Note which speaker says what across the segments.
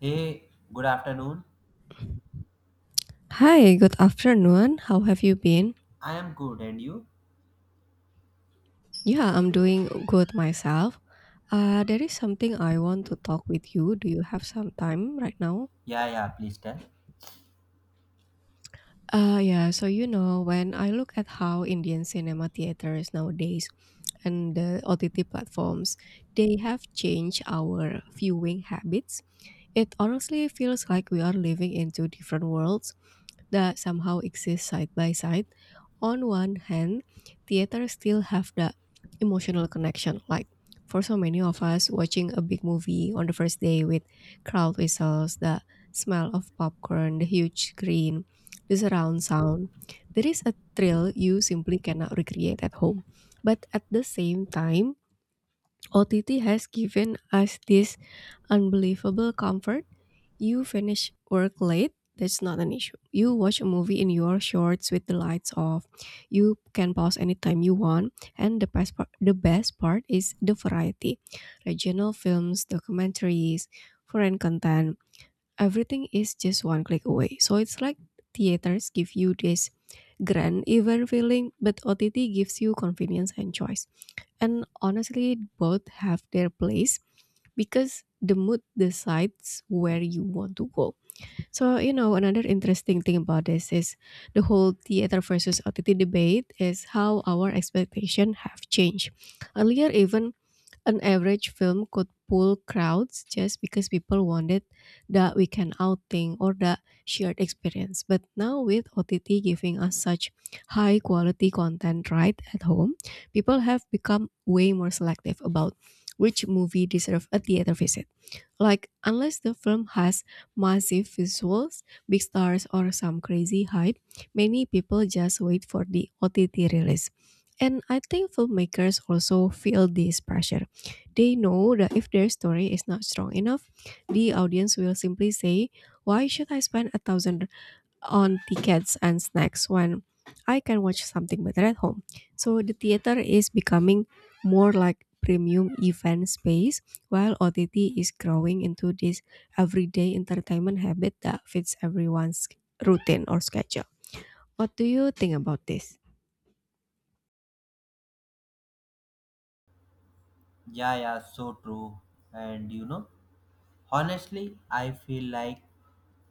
Speaker 1: Hey, good afternoon.
Speaker 2: Hi, good afternoon. How have you been?
Speaker 1: I am good, and you?
Speaker 2: Yeah, I'm doing good myself. There is something I want to talk with you. Do you have some time right now?
Speaker 1: Yeah, yeah, please tell.
Speaker 2: So when I look at how Indian cinema theaters nowadays and the OTT platforms, they have changed our viewing habits. It honestly feels like we are living in two different worlds that somehow exist side by side. On one hand, theaters still have the emotional connection. Like for so many of us, watching a big movie on the first day with crowd whistles, the smell of popcorn, the huge screen, the surround sound, there is a thrill you simply cannot recreate at home. But at the same time, OTT has given us this unbelievable comfort. You finish work late. That's not an issue. You watch a movie in your shorts with the lights off. You can pause anytime you want. And the best part is the variety. Regional films, documentaries, foreign content. Everything is just one click away. So it's like theaters give you this grand event feeling, but OTT gives you convenience and choice. And honestly, both have their place because the mood decides where you want to go. So, you know, another interesting thing about this is the whole theater versus OTT debate is how our expectation have changed. Earlier, even an average film could pull crowds just because people wanted that weekend outing or that shared experience. But now, with OTT giving us such high quality content right at home, people have become way more selective about which movie deserve a theater visit. Like, unless the film has massive visuals, big stars, or some crazy hype, many people just wait for the OTT release. And I think filmmakers also feel this pressure. They know that if their story is not strong enough, the audience will simply say, why should I spend a thousand on tickets and snacks when I can watch something better at home? So the theater is becoming more like premium event space, while OTT is growing into this everyday entertainment habit that fits everyone's routine or schedule. What do you think about this?
Speaker 1: Yeah, yeah, so true. And you know, honestly, I feel like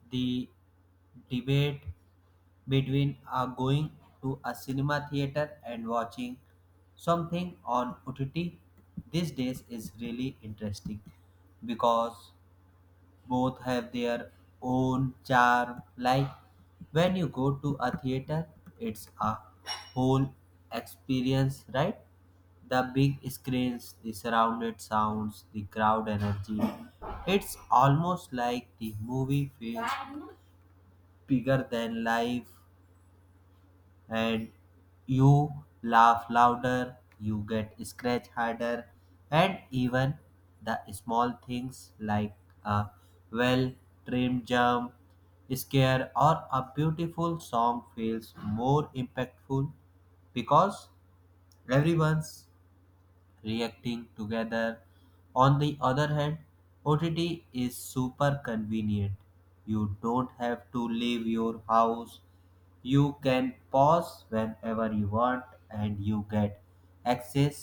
Speaker 1: the debate between going to a cinema theater and watching something on OTT these days is really interesting because both have their own charm. Like when you go to a theater, it's a whole experience, right? The big screens, the surrounded sounds, the crowd energy. It's almost like the movie feels bigger than life and you laugh louder, you get scratched harder, and even the small things like a well trimmed jump scare or a beautiful song feels more impactful because everyone's reacting together. On the other hand, OTT is super convenient. You don't have to leave your house. You can pause whenever you want and you get access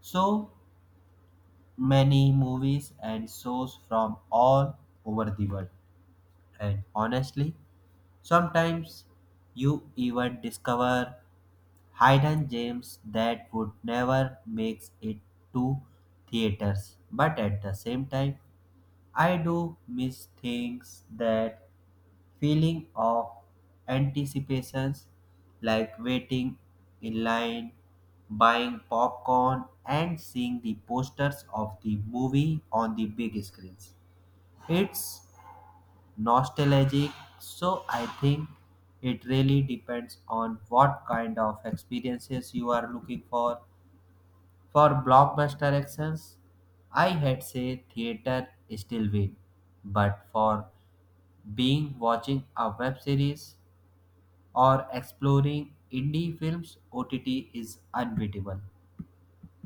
Speaker 1: so many movies and shows from all over the world. And honestly, sometimes you even discover hidden gems that would never make it to theaters. But at the same time, I do miss things that feeling of anticipations like waiting in line, buying popcorn, and seeing the posters of the movie on the big screens. It's nostalgic. So I think it really depends on what kind of experiences you are looking for. For blockbuster actions, I had say theater still win, but for being watching a web series or exploring indie films, OTT is unbeatable.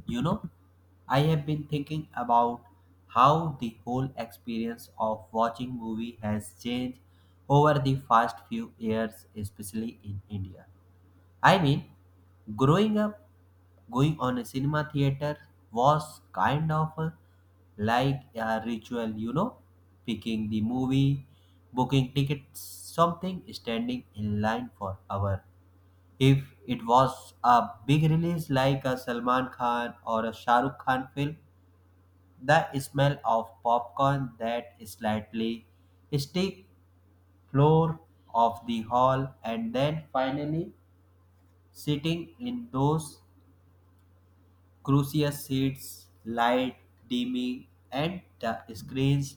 Speaker 1: You know, I have been thinking about how the whole experience of watching movie has changed over the past few years, especially in India. I mean, growing up, going on a cinema theater was kind of a like a ritual, you know, picking the movie, booking tickets, something standing in line for hours. If it was a big release like a Salman Khan or a Shah Rukh Khan film, the smell of popcorn, that slightly sticky floor of the hall, and then finally sitting in those crucial seats, light dimming, and the screens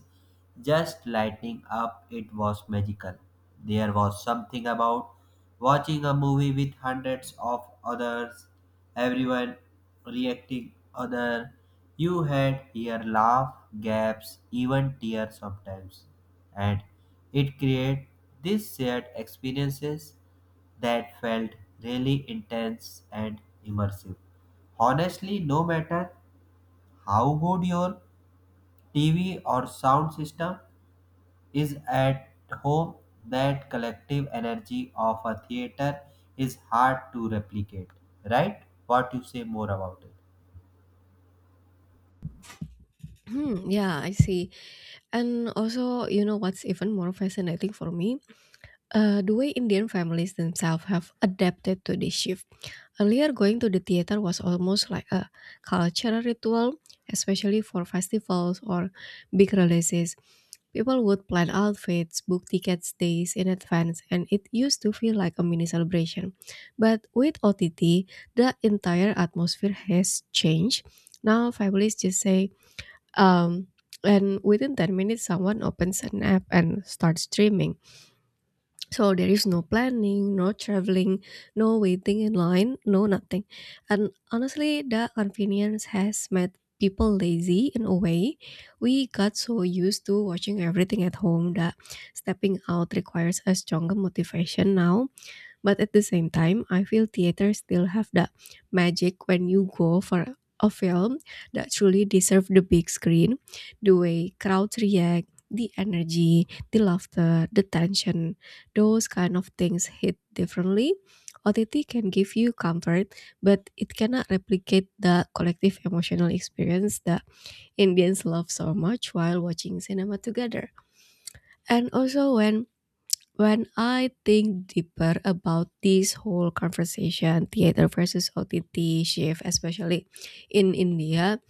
Speaker 1: just lighting up. It was magical. There was something about watching a movie with hundreds of others, everyone reacting other. You had here laugh, gaps, even tears sometimes, and it created these shared experiences that felt really intense and immersive. Honestly, no matter how good your TV or sound system is at home, that collective energy of a theater is hard to replicate, right? What you say more about it?
Speaker 2: Hmm, yeah, I see. And also, you know what's even more fascinating for me? The way Indian families themselves have adapted to this shift. Earlier, going to the theater was almost like a cultural ritual, especially for festivals or big releases. People would plan outfits, book tickets days in advance, and it used to feel like a mini celebration. But with OTT, the entire atmosphere has changed. Now, families just say, um, and within 10 minutes, someone opens an app and starts streaming. So there is no planning, no traveling, no waiting in line, no nothing. And honestly, the convenience has made people lazy in a way. We got so used to watching everything at home that stepping out requires a stronger motivation now. But at the same time, I feel theaters still have that magic when you go for a film that truly deserves the big screen. The way crowds react, the energy, the laughter, the tension, those kind of things hit differently. OTT can give you comfort, but it cannot replicate the collective emotional experience that Indians love so much while watching cinema together. And also, when I think deeper about this whole conversation, theater versus OTT shift, especially in India,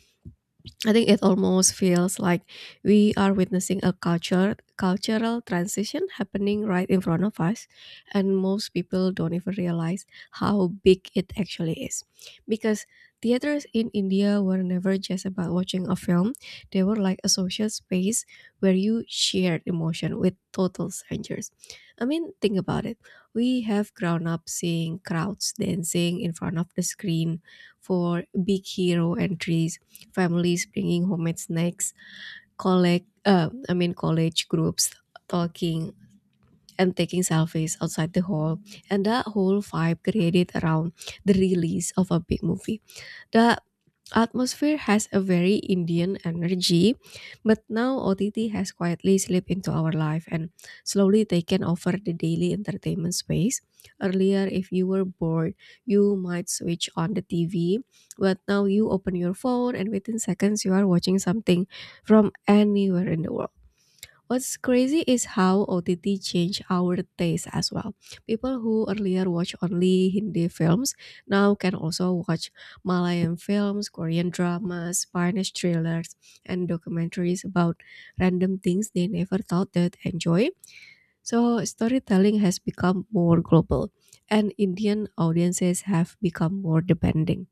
Speaker 2: I think it almost feels like we are witnessing a culture cultural transition happening right in front of us, and most people don't even realize how big it actually is, because theaters in India were never just about watching a film. They were like a social space where you shared emotion with total strangers. I mean, think about it. We have grown up seeing crowds dancing in front of the screen for big hero entries, families bringing homemade snacks, college groups talking and taking selfies outside the hall, and that whole vibe created around the release of a big movie. The atmosphere has a very Indian energy, but now OTT has quietly slipped into our life and slowly taken over the daily entertainment space. Earlier, if you were bored, you might switch on the TV, but now you open your phone and within seconds you are watching something from anywhere in the world. What's crazy is how OTT changed our taste as well. People who earlier watched only Hindi films now can also watch Malayan films, Korean dramas, Spanish thrillers, and documentaries about random things they never thought they'd enjoy. So, storytelling has become more global, and Indian audiences have become more demanding.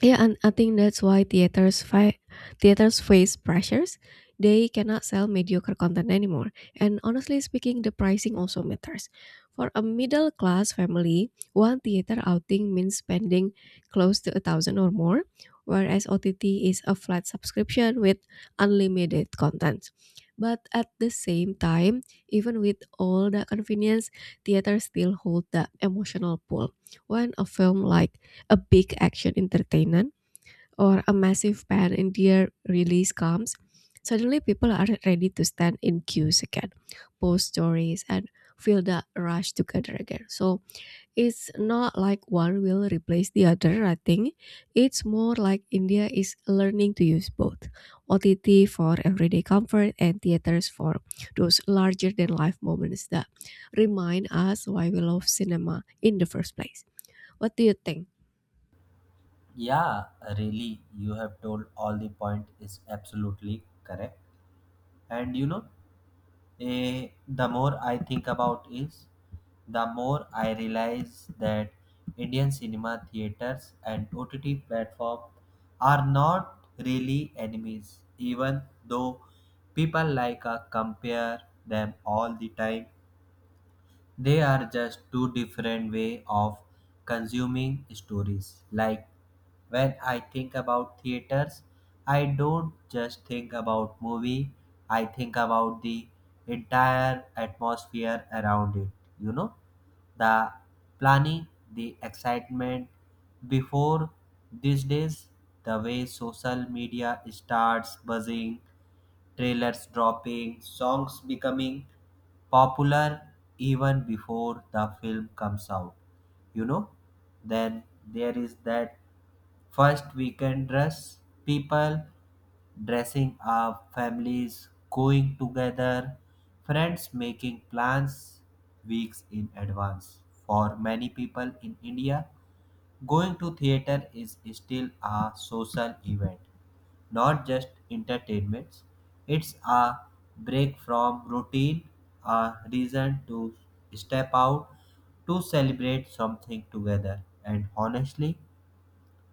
Speaker 2: Yeah, and I think that's why theaters face pressures. They cannot sell mediocre content anymore. And honestly speaking, the pricing also matters. For a middle class family, one theater outing means spending close to a thousand or more, whereas OTT is a flat subscription with unlimited content. But at the same time, even with all the convenience, theaters still hold the emotional pull. When a film like a big action entertainment or a massive pan India release comes, suddenly people are ready to stand in queues again, post stories, and feel the rush to gather again. So it's not like one will replace the other, I think. It's more like India is learning to use both, OTT for everyday comfort and theaters for those larger than life moments that remind us why we love cinema in the first place. What do you think?
Speaker 1: Yeah, really, you have told all the point is absolutely correct. And you know, the more I think about is the more I realize that Indian cinema theaters and OTT platform are not really enemies even though people like compare them all the time. They are just two different way of consuming stories. Like when I think about theaters, I don't just think about movie, I think about the entire atmosphere around it, you know? The planning, the excitement before these days, the way social media starts buzzing, trailers dropping, songs becoming popular even before the film comes out. You know, then there is that first weekend dress, people dressing up, families going together, friends making plans weeks in advance. For many people in India, going to theater is still a social event, not just entertainment. It's a break from routine, a reason to step out, to celebrate something together. And honestly,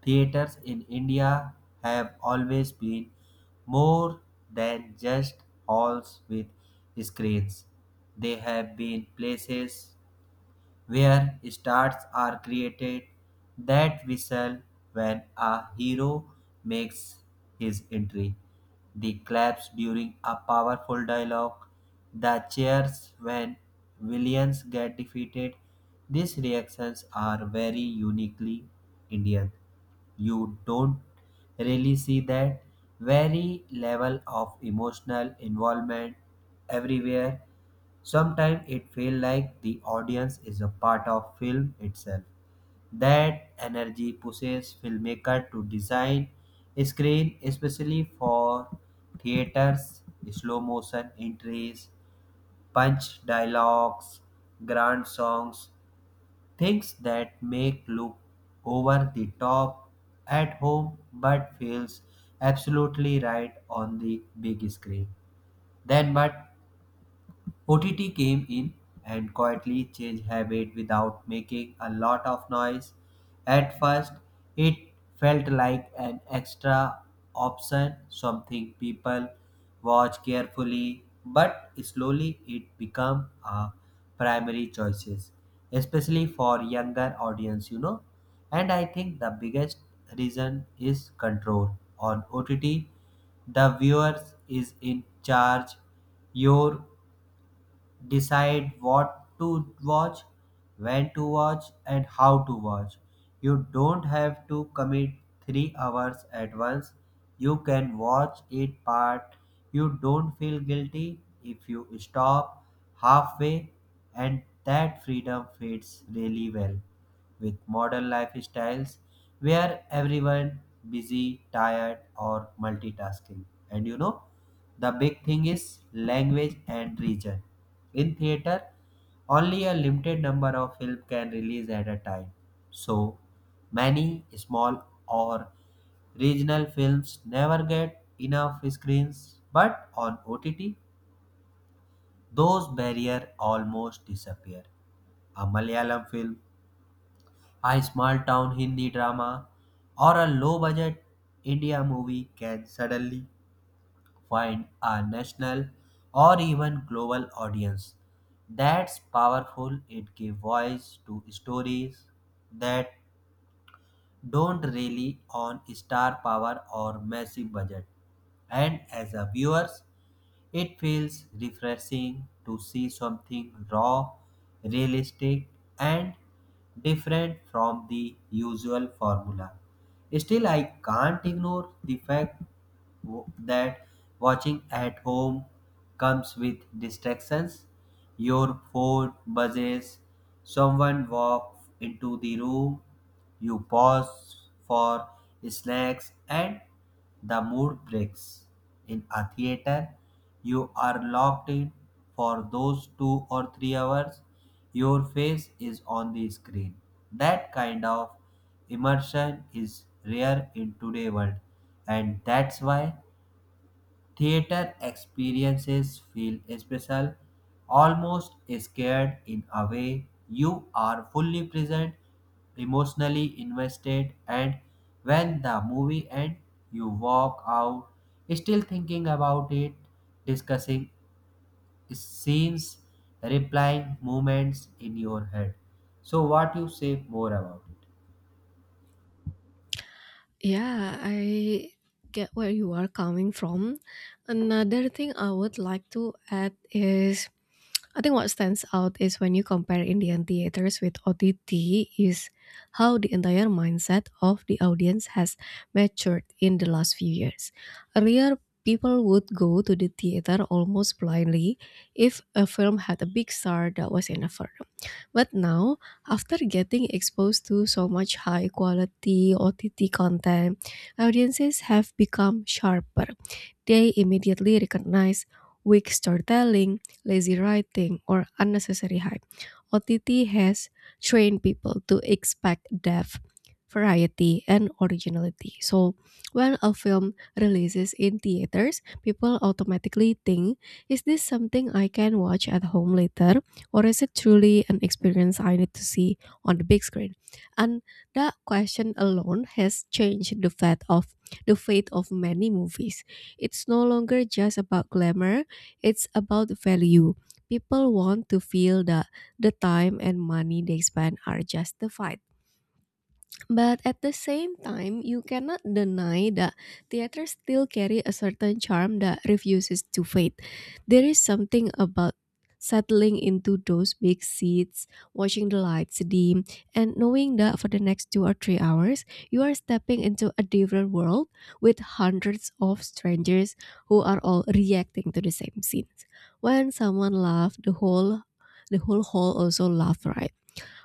Speaker 1: theaters in India have always been more than just halls with screens. They have been places where stars are created. That whistle when a hero makes his entry, the claps during a powerful dialogue, the cheers when villains get defeated. These reactions are very uniquely Indian. You don't really see that very level of emotional involvement everywhere. Sometimes it feels like the audience is a part of film itself. That energy pushes filmmaker to design screen, especially for theaters, slow motion entries, punch dialogues, grand songs, things that make look over the top at home but feels absolutely right on the big screen. Then but OTT came in and quietly changed habit without making a lot of noise. At first, it felt like an extra option, something people watch carefully, but slowly it became a primary choices, especially for younger audience, you know. And I think the biggest reason is control on OTT. The viewers is in charge, your decide what to watch, when to watch, and how to watch. You don't have to commit 3 hours at once. You can watch it part. You don't feel guilty if you stop halfway, and that freedom fits really well with modern lifestyles where everyone busy tired or multitasking. And you know, the big thing is language and region. In theater, only a limited number of films can release at a time. So, many small or regional films never get enough screens, but on OTT, those barriers almost disappear. A Malayalam film, a small town Hindi drama, or a low budget India movie can suddenly find a national or even global audience. That's powerful. It gives voice to stories that don't rely on star power or massive budget. And as a viewers, it feels refreshing to see something raw, realistic, and different from the usual formula. Still, I can't ignore the fact that watching at home comes with distractions. Your phone buzzes, someone walks into the room, you pause for snacks, and the mood breaks. In a theater, you are locked in for those 2 or 3 hours. Your face is on the screen. That kind of immersion is rare in today's world, and that's why theater experiences feel special, almost scared in a way. You are fully present, emotionally invested, and when the movie ends, you walk out still thinking about it, discussing scenes, replying moments in your head. So, what you say more about it?
Speaker 2: Yeah, I get where you are coming from. Another thing I would like to add is, I think what stands out is when you compare Indian theaters with OTT is how the entire mindset of the audience has matured in the last few years. Earlier, people would go to the theater almost blindly if a film had a big star that was in a film. But now, after getting exposed to so much high quality OTT content, audiences have become sharper. They immediately recognize weak storytelling, lazy writing, or unnecessary hype. OTT has trained people to expect depth, variety, and originality. So, when a film releases in theaters, people automatically think, is this something I can watch at home later? Or is it truly an experience I need to see on the big screen? And that question alone has changed the fate of many movies. It's no longer just about glamour, it's about value. People want to feel that the time and money they spend are justified. But at the same time, you cannot deny that theater still carry a certain charm that refuses to fade. There is something about settling into those big seats, watching the lights dim, and knowing that for the next 2 or 3 hours, you are stepping into a different world with hundreds of strangers who are all reacting to the same scenes. When someone laughs, the whole hall also laughs, right?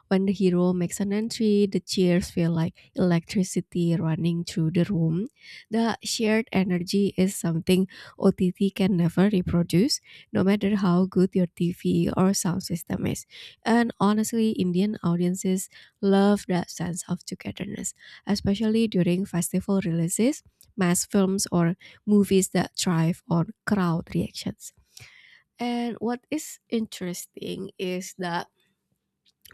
Speaker 2: When the hero makes an entry, the cheers feel like electricity running through the room. The shared energy is something OTT can never reproduce, no matter how good your TV or sound system is. And honestly, Indian audiences love that sense of togetherness, especially during festival releases, mass films, or movies that thrive on crowd reactions. And what is interesting is that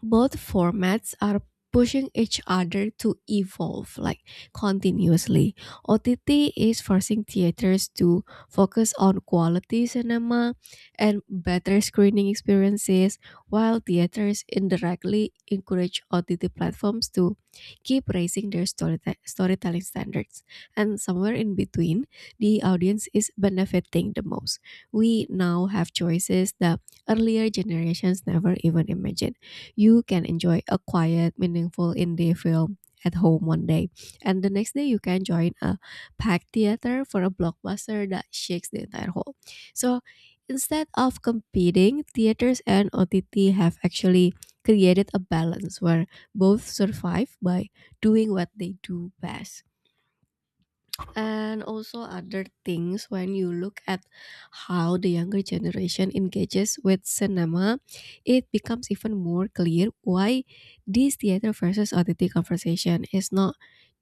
Speaker 2: both formats are pushing each other to evolve like continuously. OTT is forcing theaters to focus on quality cinema and better screening experiences, while theaters indirectly encourage OTT platforms to keep raising their storytelling standards. And somewhere in between, the audience is benefiting the most. We now have choices that earlier generations never even imagined. You can enjoy a quiet, meaningful indie film at home one day. And the next day, you can join a packed theater for a blockbuster that shakes the entire hall. So instead of competing, theaters and OTT have actually created a balance where both survive by doing what they do best. And also other things, when you look at how the younger generation engages with cinema, it becomes even more clear why this theater versus OTT conversation is not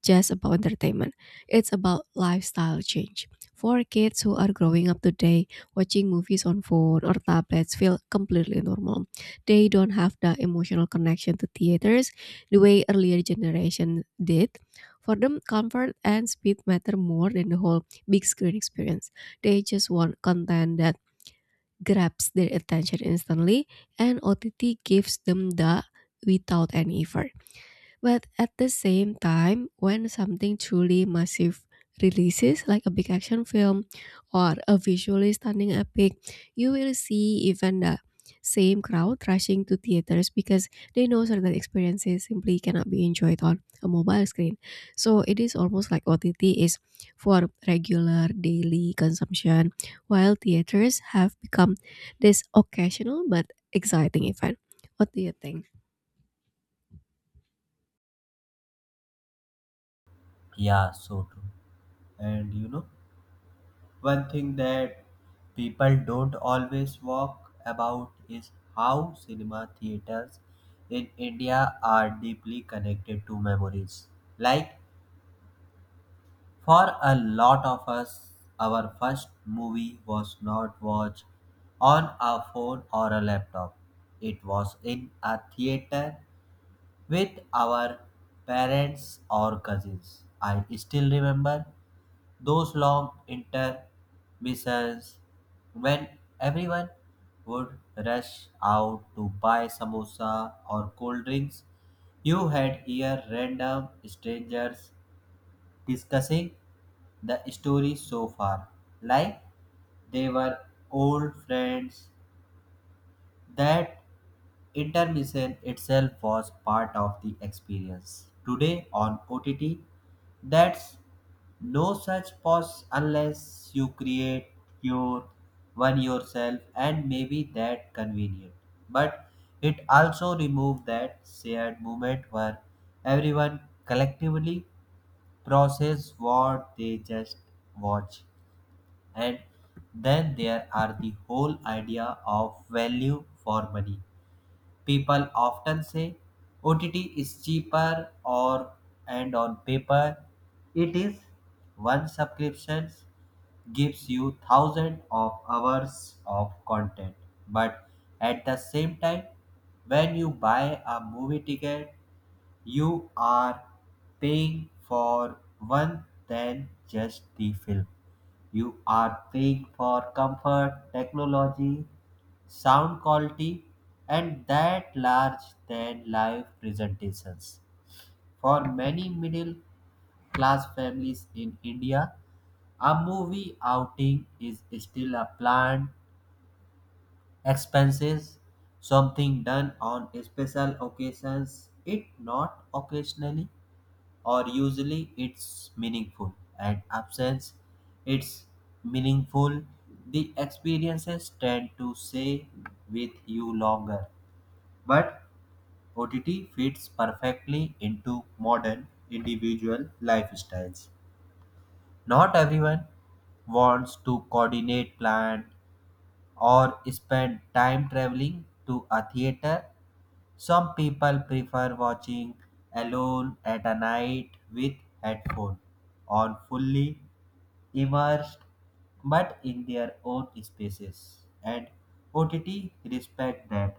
Speaker 2: just about entertainment. It's about lifestyle change. For kids who are growing up today, watching movies on phone or tablets feel completely normal. They don't have the emotional connection to theaters the way earlier generation did. For them, comfort and speed matter more than the whole big screen experience. They just want content that grabs their attention instantly, and OTT gives them that without any effort. But at the same time, when something truly massive releases, like a big action film or a visually stunning epic, you will see even the same crowd rushing to theaters because they know certain experiences simply cannot be enjoyed on a mobile screen. So it is almost like OTT is for regular daily consumption, while theaters have become this occasional but exciting event. What do you think?
Speaker 1: Yeah, so true. And you know, one thing that people don't always walk about is how cinema theaters in India are deeply connected to memories. Like, for a lot of us, our first movie was not watched on a phone or a laptop. It was in a theater with our parents or cousins. I still remember those long intermissions when everyone would rush out to buy samosa or cold drinks, you had here random strangers discussing the story so far, like they were old friends. That intermission itself was part of the experience. Today on OTT, that's no such pause unless you create your one yourself and maybe that convenient. But it also removed that shared moment where everyone collectively process what they just watch. And then there are the whole idea of value for money. People often say OTT is cheaper or and on paper it is, one subscription gives you thousands of hours of content, but at the same time when you buy a movie ticket, you are paying for one than just the film. You are paying for comfort, technology, sound quality, and that large than life presentations. For many middle class families in India, a movie outing is still a planned expenses, something done on special occasions, it not occasionally or usually it's meaningful and absence it's meaningful, the experiences tend to stay with you longer. But OTT fits perfectly into modern individual lifestyles. Not everyone wants to coordinate plan or spend time traveling to a theater. Some people prefer watching alone at a night with headphone on, fully immersed but in their own spaces, and OTT respect that.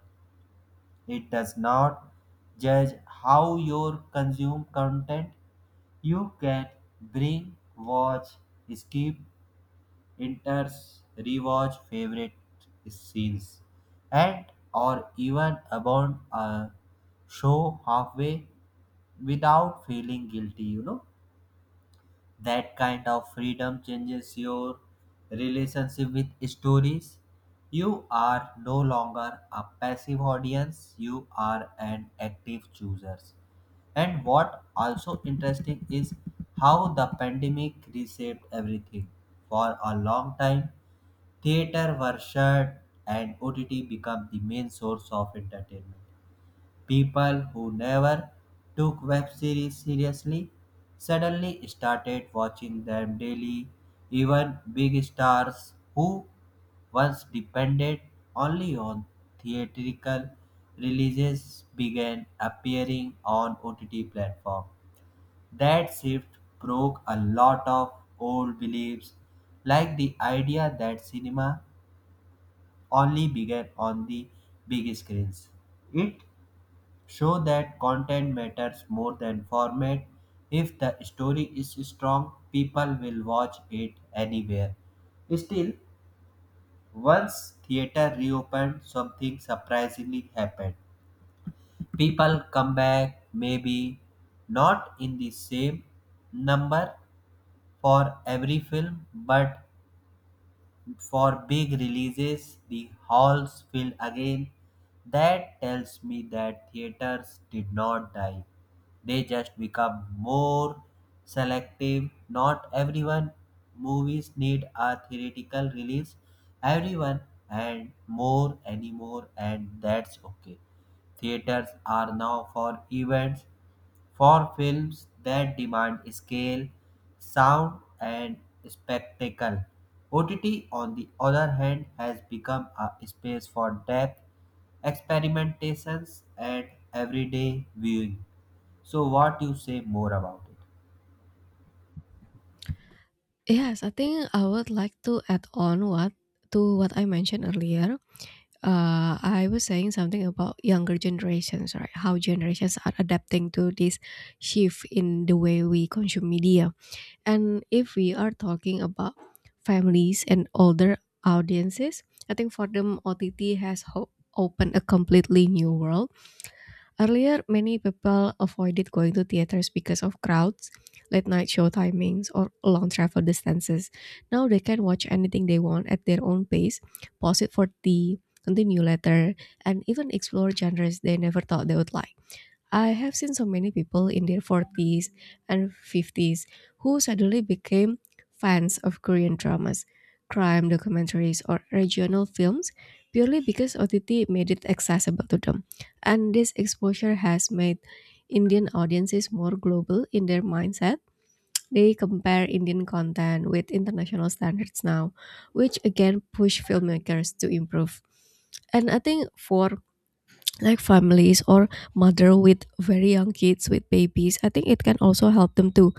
Speaker 1: It does not judge how you consume content. You can bring watch, skip, enters, rewatch favorite scenes, and or even about a show halfway without feeling guilty, you know. That kind of freedom changes your relationship with stories. You are no longer a passive audience, you are an active chooser. And what also interesting is how the pandemic reshaped everything. For a long time, theater were shut and OTT became the main source of entertainment. People who never took web series seriously suddenly started watching them daily. Even big stars who once depended only on theatrical releases began appearing on OTT platform. That shift broke a lot of old beliefs like the idea that cinema only began on the big screens. It show that content matters more than format. If the story is strong, people will watch it anywhere. Still, once theater reopened, something surprisingly happened. People come back, maybe not in the same number for every film, but for big releases, the halls fill again. That tells me that theaters did not die. They just become more selective. Not everyone movies need a theoretical release. Everyone and more anymore and that's okay. Theaters are now for events, for films that demand scale, sound, and spectacle. OTT, on the other hand, has become a space for depth, experimentations, and everyday viewing. So, what you say more about it?
Speaker 2: Yes, I think I would like to add on what to what I mentioned earlier. I was saying something about younger generations, right? How generations are adapting to this shift in the way we consume media. And if we are talking about families and older audiences, I think for them, OTT has opened a completely new world. Earlier, many people avoided going to theaters because of crowds, late night show timings, or long travel distances. Now they can watch anything they want at their own pace, pause it for tea, continue later, and even explore genres they never thought they would like. I have seen so many people in their 40s and 50s who suddenly became fans of Korean dramas, crime documentaries, or regional films purely because OTT made it accessible to them. And this exposure has made Indian audiences more global in their mindset. They compare Indian content with international standards now, which again push filmmakers to improve. And I think for like families or mother with very young kids with babies, I think it can also help them to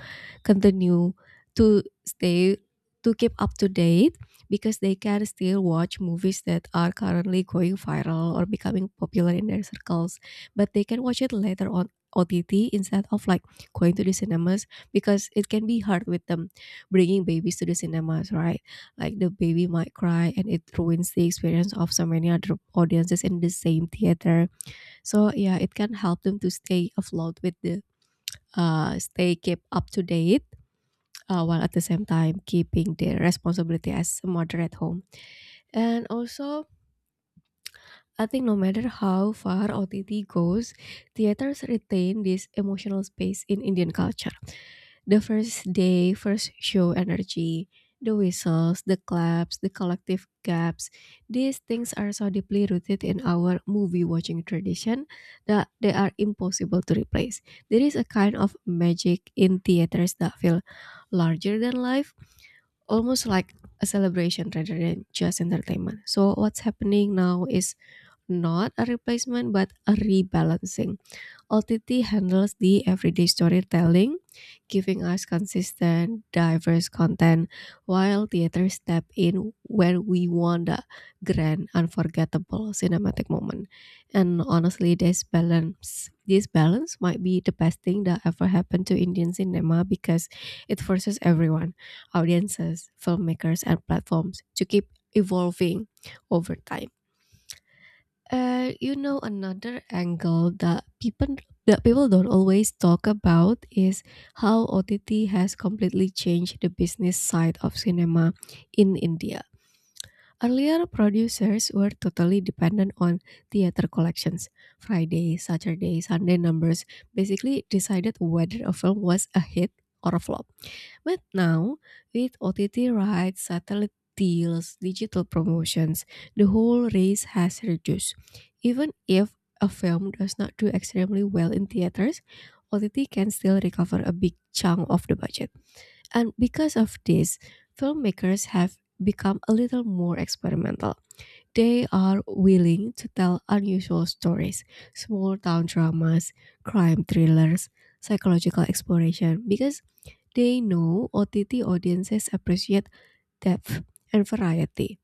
Speaker 2: continue to stay to keep up to date because they can still watch movies that are currently going viral or becoming popular in their circles, but they can watch it later on OTT instead of like going to the cinemas, because it can be hard with them bringing babies to the cinemas, right? Like the baby might cry and it ruins the experience of so many other audiences in the same theater. So yeah, it can help them to stay afloat with the stay keep up to date while at the same time keeping their responsibility as a mother at home. And also, I think no matter how far OTT goes, theaters retain this emotional space in Indian culture. The first day first show energy, the whistles, the claps, the collective gaps. These things are so deeply rooted in our movie watching tradition that they are impossible to replace. There is a kind of magic in theaters that feel larger than life, almost like a celebration rather than just entertainment. So what's happening now is not a replacement but a rebalancing. OTT handles the everyday storytelling, giving us consistent, diverse content, while theater step in when we want the grand, unforgettable cinematic moment. And honestly, this balance might be the best thing that ever happened to Indian cinema, because it forces everyone, audiences, filmmakers, and platforms, to keep evolving over time. Another angle that people don't always talk about is how OTT has completely changed the business side of cinema in India. Earlier, producers were totally dependent on theater collections. Friday, Saturday, Sunday numbers basically decided whether a film was a hit or a flop. But now, with OTT rights, satellite deals, digital promotions, the whole race has reduced. Even if a film does not do extremely well in theaters, OTT can still recover a big chunk of the budget. And because of this, filmmakers have become a little more experimental. They are willing to tell unusual stories, small town dramas, crime thrillers, psychological exploration, because they know OTT audiences appreciate depth and variety.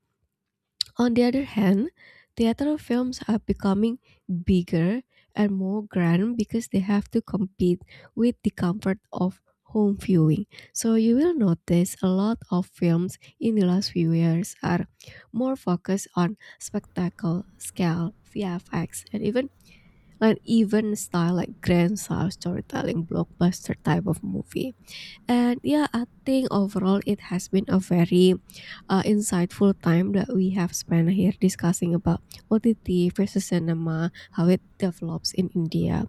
Speaker 2: On the other hand, theater films are becoming bigger and more grand because they have to compete with the comfort of home viewing. So you will notice a lot of films in the last few years are more focused on spectacle, scale, VFX, and even style, like grand style storytelling blockbuster type of movie. And yeah, I think overall it has been a very insightful time that we have spent here discussing about OTT versus cinema, how it develops in India.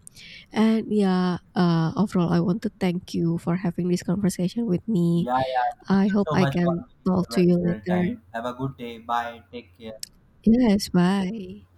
Speaker 2: And yeah, overall, I want to thank you for having this conversation with me.
Speaker 1: Yeah, yeah. Thank
Speaker 2: I
Speaker 1: you
Speaker 2: hope
Speaker 1: so
Speaker 2: I
Speaker 1: much for
Speaker 2: can
Speaker 1: making
Speaker 2: talk to
Speaker 1: your
Speaker 2: you
Speaker 1: valuable
Speaker 2: later.
Speaker 1: time. Have a good day. Bye. Take care.
Speaker 2: Yes, bye.